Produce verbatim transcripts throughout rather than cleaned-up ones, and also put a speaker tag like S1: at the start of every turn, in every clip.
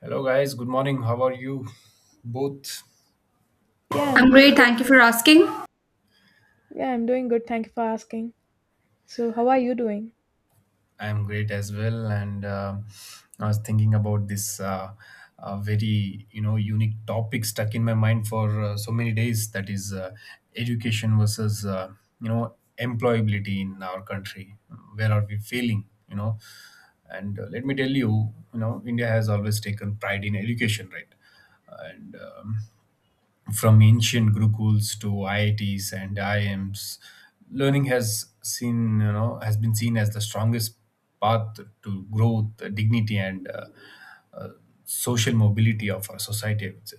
S1: Hello, guys. Good morning. How are you both?
S2: Yeah, I'm
S3: I'm
S2: doing
S3: great.
S2: good.
S3: Thank you for asking.
S2: Yeah, I'm doing good. Thank you for asking. So, how are you doing?
S1: I'm great as well. And uh, I was thinking about this uh, uh, very, you know, unique topic stuck in my mind for uh, so many days. That is uh, education versus, uh, you know, employability in our country. Where are we failing? You know, and uh, Let me tell you, you know, India has always taken pride in education, right? and um, From ancient gurukuls to I I Ts and I I Ms, learning has seen you know has been seen as the strongest path to growth, dignity, and uh, uh, social mobility of our society. I would say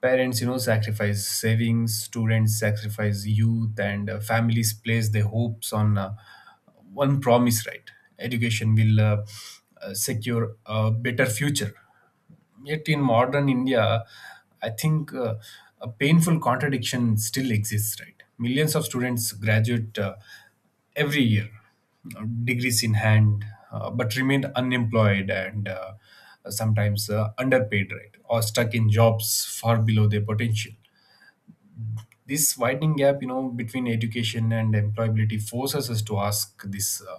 S1: parents you know sacrifice savings, students sacrifice youth, and uh, families place their hopes on uh, one promise. Right, education will uh, uh, secure a better future. Yet in modern India, I think uh, a painful contradiction still exists, right? Millions of students graduate uh, every year, uh, degrees in hand, uh, but remain unemployed and uh, sometimes uh, underpaid, right? Or stuck in jobs far below their potential. This widening gap you know between education and employability forces us to ask this uh,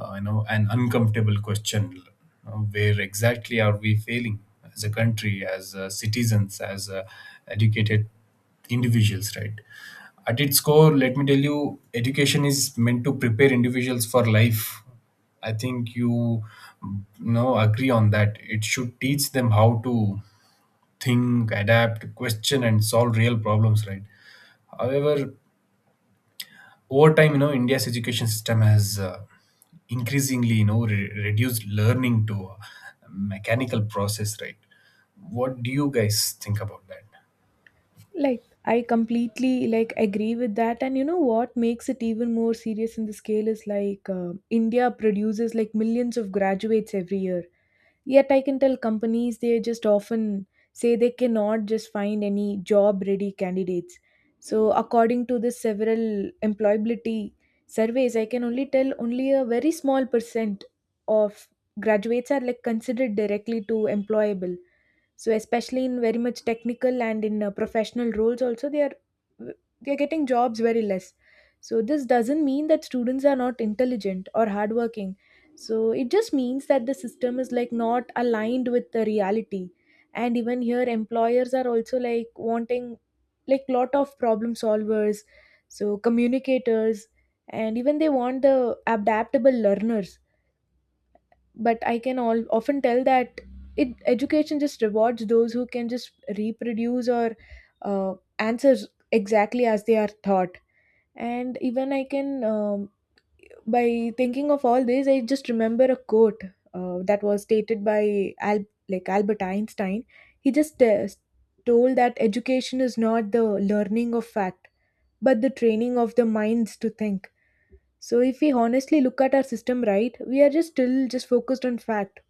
S1: uh, you know an uncomfortable question. Uh, where exactly are we failing as a country, as uh, citizens, as uh, educated individuals, right? At its core, let me tell you, education is meant to prepare individuals for life. I think you you know agree on that. It should teach them how to think, adapt, question, and solve real problems, right? However, over time, you know, India's education system has uh, increasingly, you know, re- reduced learning to a mechanical process, right? What do you guys think about that?
S2: Like, I completely like agree with that. And you know what makes it even more serious in the scale is like uh, India produces like millions of graduates every year. Yet I can tell companies they just often say they cannot just find any job ready candidates. So according to the several employability surveys, I can only tell only a very small percent of graduates are like considered directly to employable. So especially in very much technical and in uh, professional roles also they are they are getting jobs very less. So this doesn't mean that students are not intelligent or hardworking, so it just means that the system is like not aligned with the reality, and even here employers are also like wanting like lot of problem solvers, so communicators, and even they want the adaptable learners, but I can all often tell that it education just rewards those who can just reproduce or uh, answers exactly as they are taught. And even I can um, by thinking of all this, I just remember a quote uh, that was stated by Al- like Albert Einstein. He just uh, told that education is not the learning of fact, but the training of the minds to think. So if we honestly look at our system, right, we are just still just focused on fact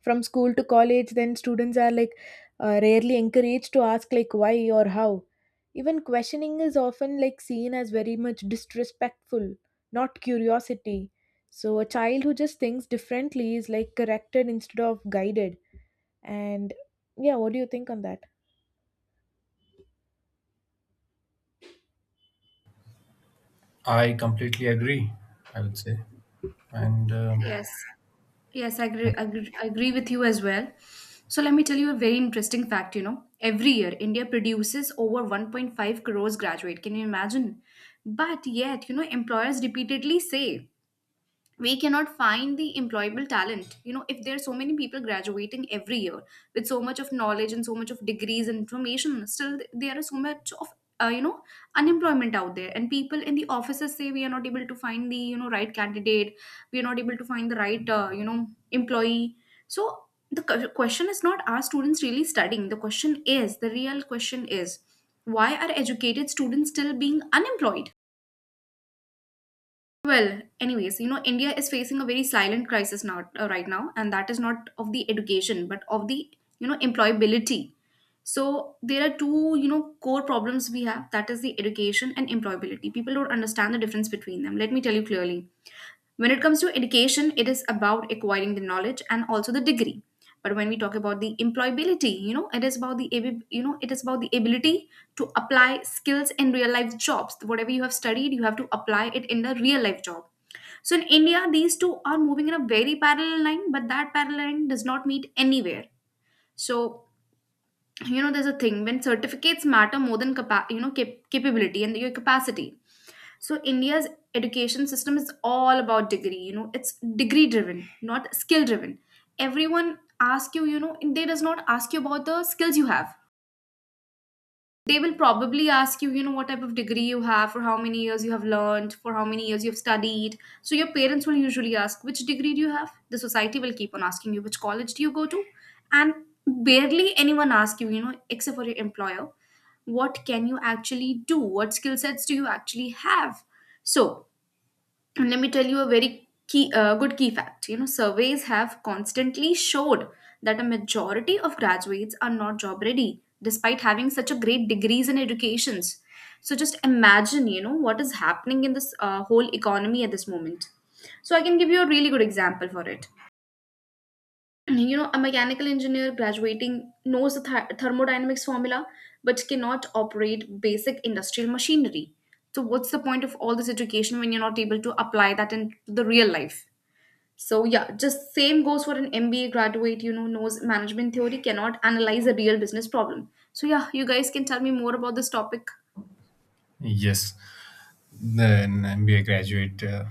S2: from school to college. Then students are like uh, rarely encouraged to ask like why or how. Even questioning is often like seen as very much disrespectful, not curiosity. So a child who just thinks differently is like corrected instead of guided. And yeah, what do you think on that?
S1: I completely agree, I would say. And uh,
S3: Yes. Yes, I agree, agree, I agree with you as well. So let me tell you a very interesting fact, you know. Every year India produces over one point five crores graduate. Can you imagine? But yet, you know, employers repeatedly say we cannot find the employable talent, you know. If there are so many people graduating every year with so much of knowledge and so much of degrees and information, still th- there is so much of uh, you know, unemployment out there, and people in the offices say we are not able to find the, you know, right candidate. We are not able to find the right, uh, you know, employee. So the cu- question is not are students really studying. The question is, the real question is, why are educated students still being unemployed? Well, anyways, you know, India is facing a very silent crisis now, uh, right now, and that is not of the education, but of the, you know, employability. So there are two, you know, core problems we have. That is the education and employability. People don't understand the difference between them. Let me tell you clearly. When it comes to education, it is about acquiring the knowledge and also the degree. But when we talk about the employability, you know, it is about the, abi- you know, it is about the ability to apply skills in real life jobs. Whatever you have studied, you have to apply it in the real life job. So in India, these two are moving in a very parallel line, but that parallel line does not meet anywhere. So you know, there's a thing when certificates matter more than capa- you know, cap- capability and your capacity. So India's education system is all about degree. You know, it's degree driven, not skill driven. Everyone asks you, you know, they does not ask you about the skills you have. They will probably ask you, you know, what type of degree you have, for how many years you have learned, for how many years you've studied. So your parents will usually ask, which degree do you have? The society will keep on asking you, which college do you go to? And barely anyone asks you, you know, except for your employer, what can you actually do? What skill sets do you actually have? So, and let me tell you a very key, uh, good key fact. You know, surveys have constantly showed that a majority of graduates are not job ready, despite having such a great degrees in educations. So just imagine, you know, what is happening in this uh, whole economy at this moment. So I can give you a really good example for it. You know, a mechanical engineer graduating knows the th- thermodynamics formula, but cannot operate basic industrial machinery. So what's the point of all this education when you're not able to apply that in the real life? So yeah, just same goes for an MBA graduate, you know, knows management theory, cannot analyze a real business problem. So yeah, you guys can tell me more about this topic.
S1: yes, then M B A graduate, uh,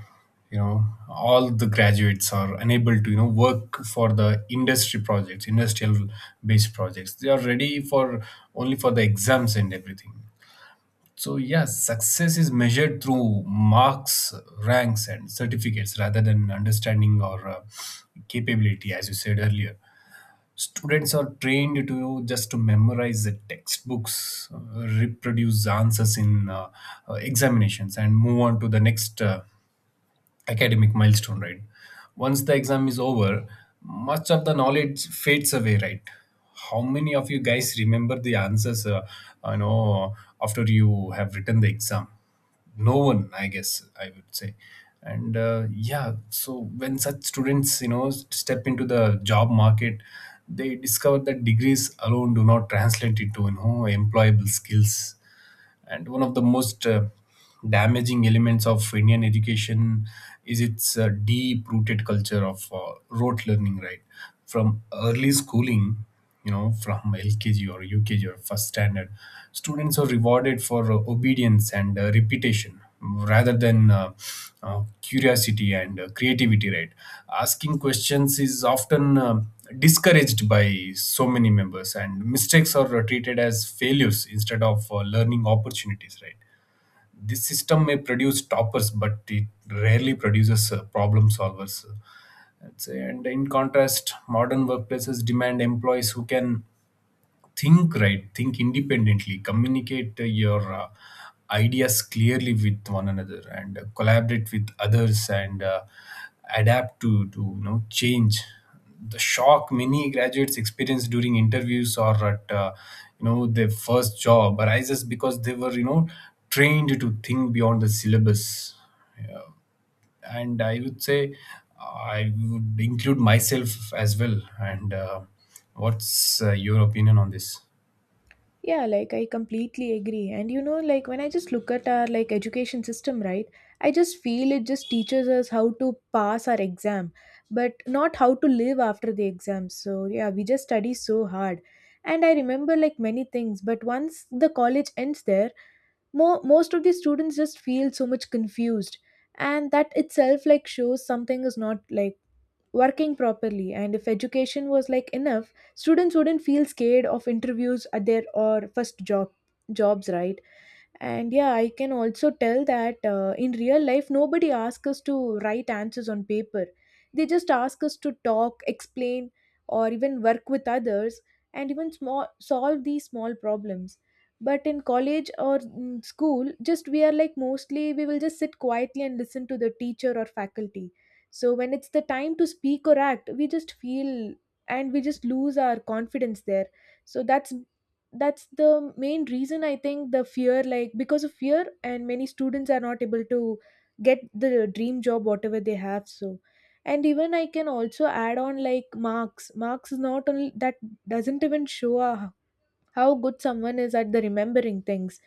S1: you know, all the graduates are unable to, you know, work for the industry projects, industrial based projects. They are ready for only for the exams and everything. So, yes, success is measured through marks, ranks, and certificates rather than understanding or uh, capability, as you said earlier. Students are trained to just to memorize the textbooks, uh, reproduce the answers in uh, uh, examinations, and move on to the next uh, academic milestone, right? Once the exam is over, much of the knowledge fades away, right? How many of you guys remember the answers, uh, you know, after you have written the exam? No one, I guess, I would say. And uh, yeah, so when such students, you know, step into the job market, they discover that degrees alone do not translate into, you know, employable skills. And one of the most uh, damaging elements of Indian education is its uh, deep rooted culture of uh, rote learning, right? From early schooling, you know, from L K G or U K G or first standard, students are rewarded for uh, obedience and uh, repetition rather than uh, uh, curiosity and uh, creativity, right? Asking questions is often um discouraged by so many members, and mistakes are treated as failures instead of uh, learning opportunities, right? This system may produce toppers, but it rarely produces uh, problem solvers, I'd say. And in contrast, modern workplaces demand employees who can think, right, think independently, communicate uh, your uh, ideas clearly with one another, and uh, collaborate with others, and uh, adapt to to you know change. The shock many graduates experience during interviews or at uh, you know their first job arises because they were you know trained to think beyond the syllabus, yeah. And I would say I would include myself as well. And uh, what's uh, your opinion on this?
S2: Yeah, like I completely agree. And you know, like when I just look at our like education system, right? I just feel it just teaches us how to pass our exam, but not how to live after the exam. So yeah, we just study so hard. And I remember like many things, but once the college ends there, more most of the students just feel so much confused. And that itself like shows something is not like working properly. And if education was like enough, students wouldn't feel scared of interviews at their or first job jobs, right? And yeah, I can also tell that uh, in real life, nobody asks us to write answers on paper. They just ask us to talk, explain, or even work with others, and even small, solve these small problems. But in college or in school, just we are like mostly we will just sit quietly and listen to the teacher or faculty. So when it's the time to speak or act, we just feel and we just lose our confidence there. So that's that's the main reason I think the fear, like because of fear, and many students are not able to get the dream job whatever they have. So and even I can also add on like marks marks is not only that, doesn't even show our how good someone is at the remembering things.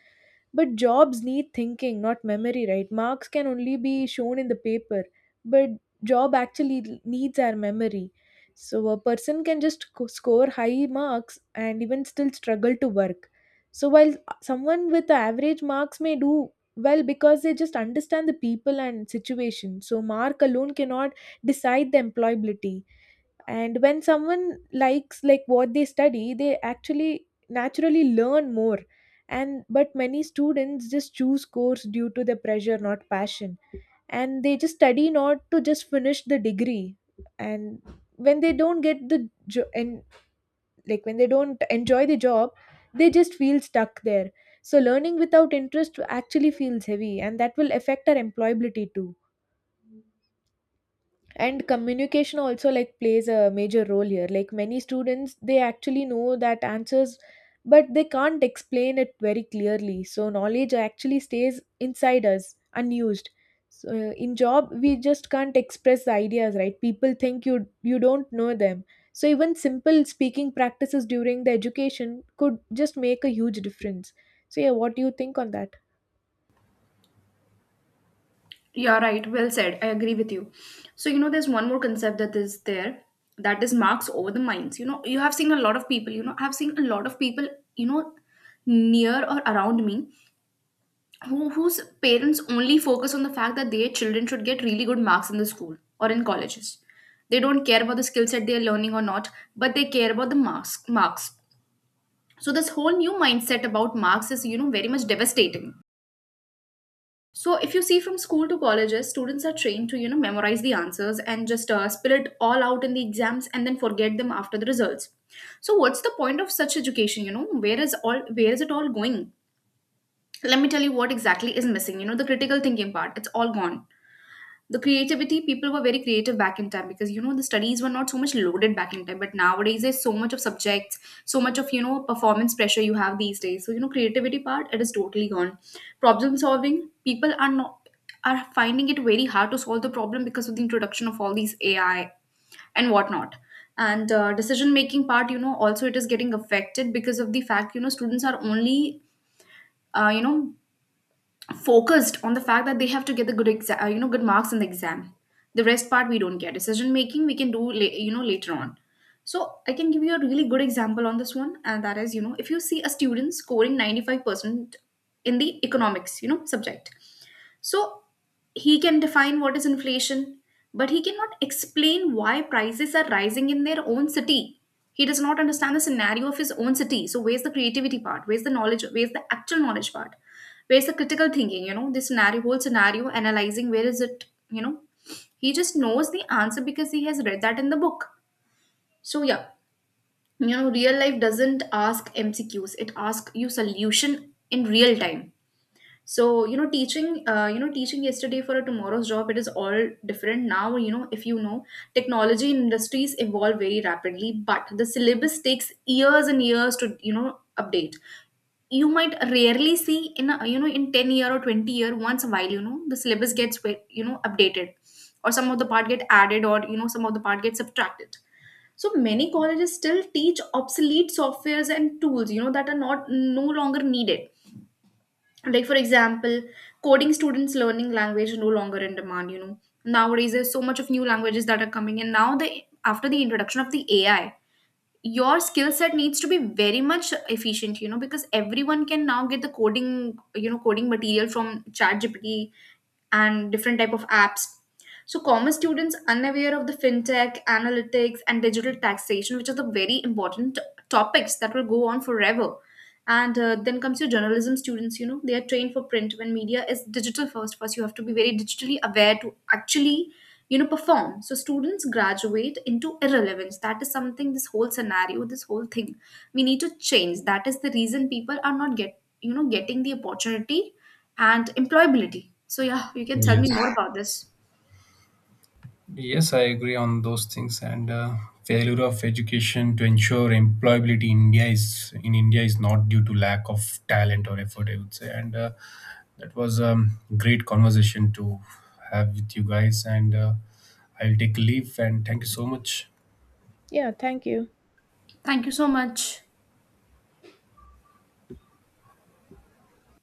S2: But jobs need thinking, not memory, right? Marks can only be shown in the paper, but job actually needs our memory. So a person can just co- score high marks and even still struggle to work. So while someone with average marks may do well because they just understand the people and situation, so mark alone cannot decide the employability. And when someone likes like what they study, they actually naturally learn more. And but many students just choose course due to the pressure, not passion, and they just study not to just finish the degree. And when they don't get the jo- and like when they don't enjoy the job, they just feel stuck there. So learning without interest actually feels heavy, and that will affect our employability too. And communication also like plays a major role here. Like many students, they actually know that answers, but they can't explain it very clearly, so knowledge actually stays inside us unused. So uh, in job we just can't express the ideas, right? People think you you don't know them. So even simple speaking practices during the education could just make a huge difference. So yeah, what do you think on that?
S3: Yeah, right. Well said. I agree with you. So, you know, there's one more concept that is there, that is marks over the minds. You know, you have seen a lot of people, you know, I've seen a lot of people, you know, near or around me who, whose parents only focus on the fact that their children should get really good marks in the school or in colleges. They don't care about the skill set they're learning or not, but they care about the marks marks. So this whole new mindset about marks is, you know, very much devastating. So if you see from school to colleges, students are trained to, you know, memorize the answers and just uh, spill it all out in the exams and then forget them after the results. So what's the point of such education? You know, where is all where is it all going? Let me tell you what exactly is missing. You know, the critical thinking part. It's all gone. The creativity, people were very creative back in time, because you know, the studies were not so much loaded back in time, but nowadays there's so much of subjects, so much of, you know, performance pressure you have these days. So you know, creativity part, it is totally gone. Problem solving, people are not are finding it very hard to solve the problem because of the introduction of all these AI and whatnot. And uh, decision making part, you know, also it is getting affected because of the fact, you know, students are only, uh, you know, focused on the fact that they have to get the good exa- uh, you know, good marks in the exam. The rest part we don't care. Decision making we can do la- you know, later on. So I can give you a really good example on this one, and that is, you know, if you see a student scoring ninety-five percent in the economics, you know, subject, so he can define what is inflation, but he cannot explain why prices are rising in their own city. He does not understand the scenario of his own city. So where's the creativity part? Where's the knowledge? Where's the actual knowledge part? Where's the critical thinking? You know, this scenario, whole scenario, analyzing, where is it? You know, he just knows the answer because he has read that in the book. So yeah, you know, real life doesn't ask M C Qs. It asks you solution in real time. So you know, teaching uh, you know, teaching yesterday for a tomorrow's job, it is all different now. You know, if you know, technology industries evolve very rapidly, but the syllabus takes years and years to, you know, update. You might rarely see in a, you know, in ten year or twenty year once a while, you know, the syllabus gets, you know, updated, or some of the part get added, or you know, some of the part get subtracted. So many colleges still teach obsolete softwares and tools, you know, that are not no longer needed. Like for example, coding students learning language are no longer in demand. You know, nowadays there's so much of new languages that are coming in now, the after the introduction of the AI, your skill set needs to be very much efficient. You know, because everyone can now get the coding, you know, coding material from ChatGPT and different type of apps. So common students unaware of the fintech analytics and digital taxation, which are the very important topics that will go on forever. And uh, then comes your journalism students, you know, they are trained for print when media is digital first. First you have to be very digitally aware to actually, you know, perform. So students graduate into irrelevance. That is something, this whole scenario, this whole thing we need to change. That is the reason people are not get you know, getting the opportunity and employability. So yeah, you can tell me
S1: Yes.
S3: more about this.
S1: Yes, I agree on those things. And uh, failure of education to ensure employability in India is in India is not due to lack of talent or effort, I would say. And uh, that was a um, great conversation to have with you guys. And uh, I'll take leave. And thank you so much.
S2: Yeah, thank you.
S3: Thank you so much.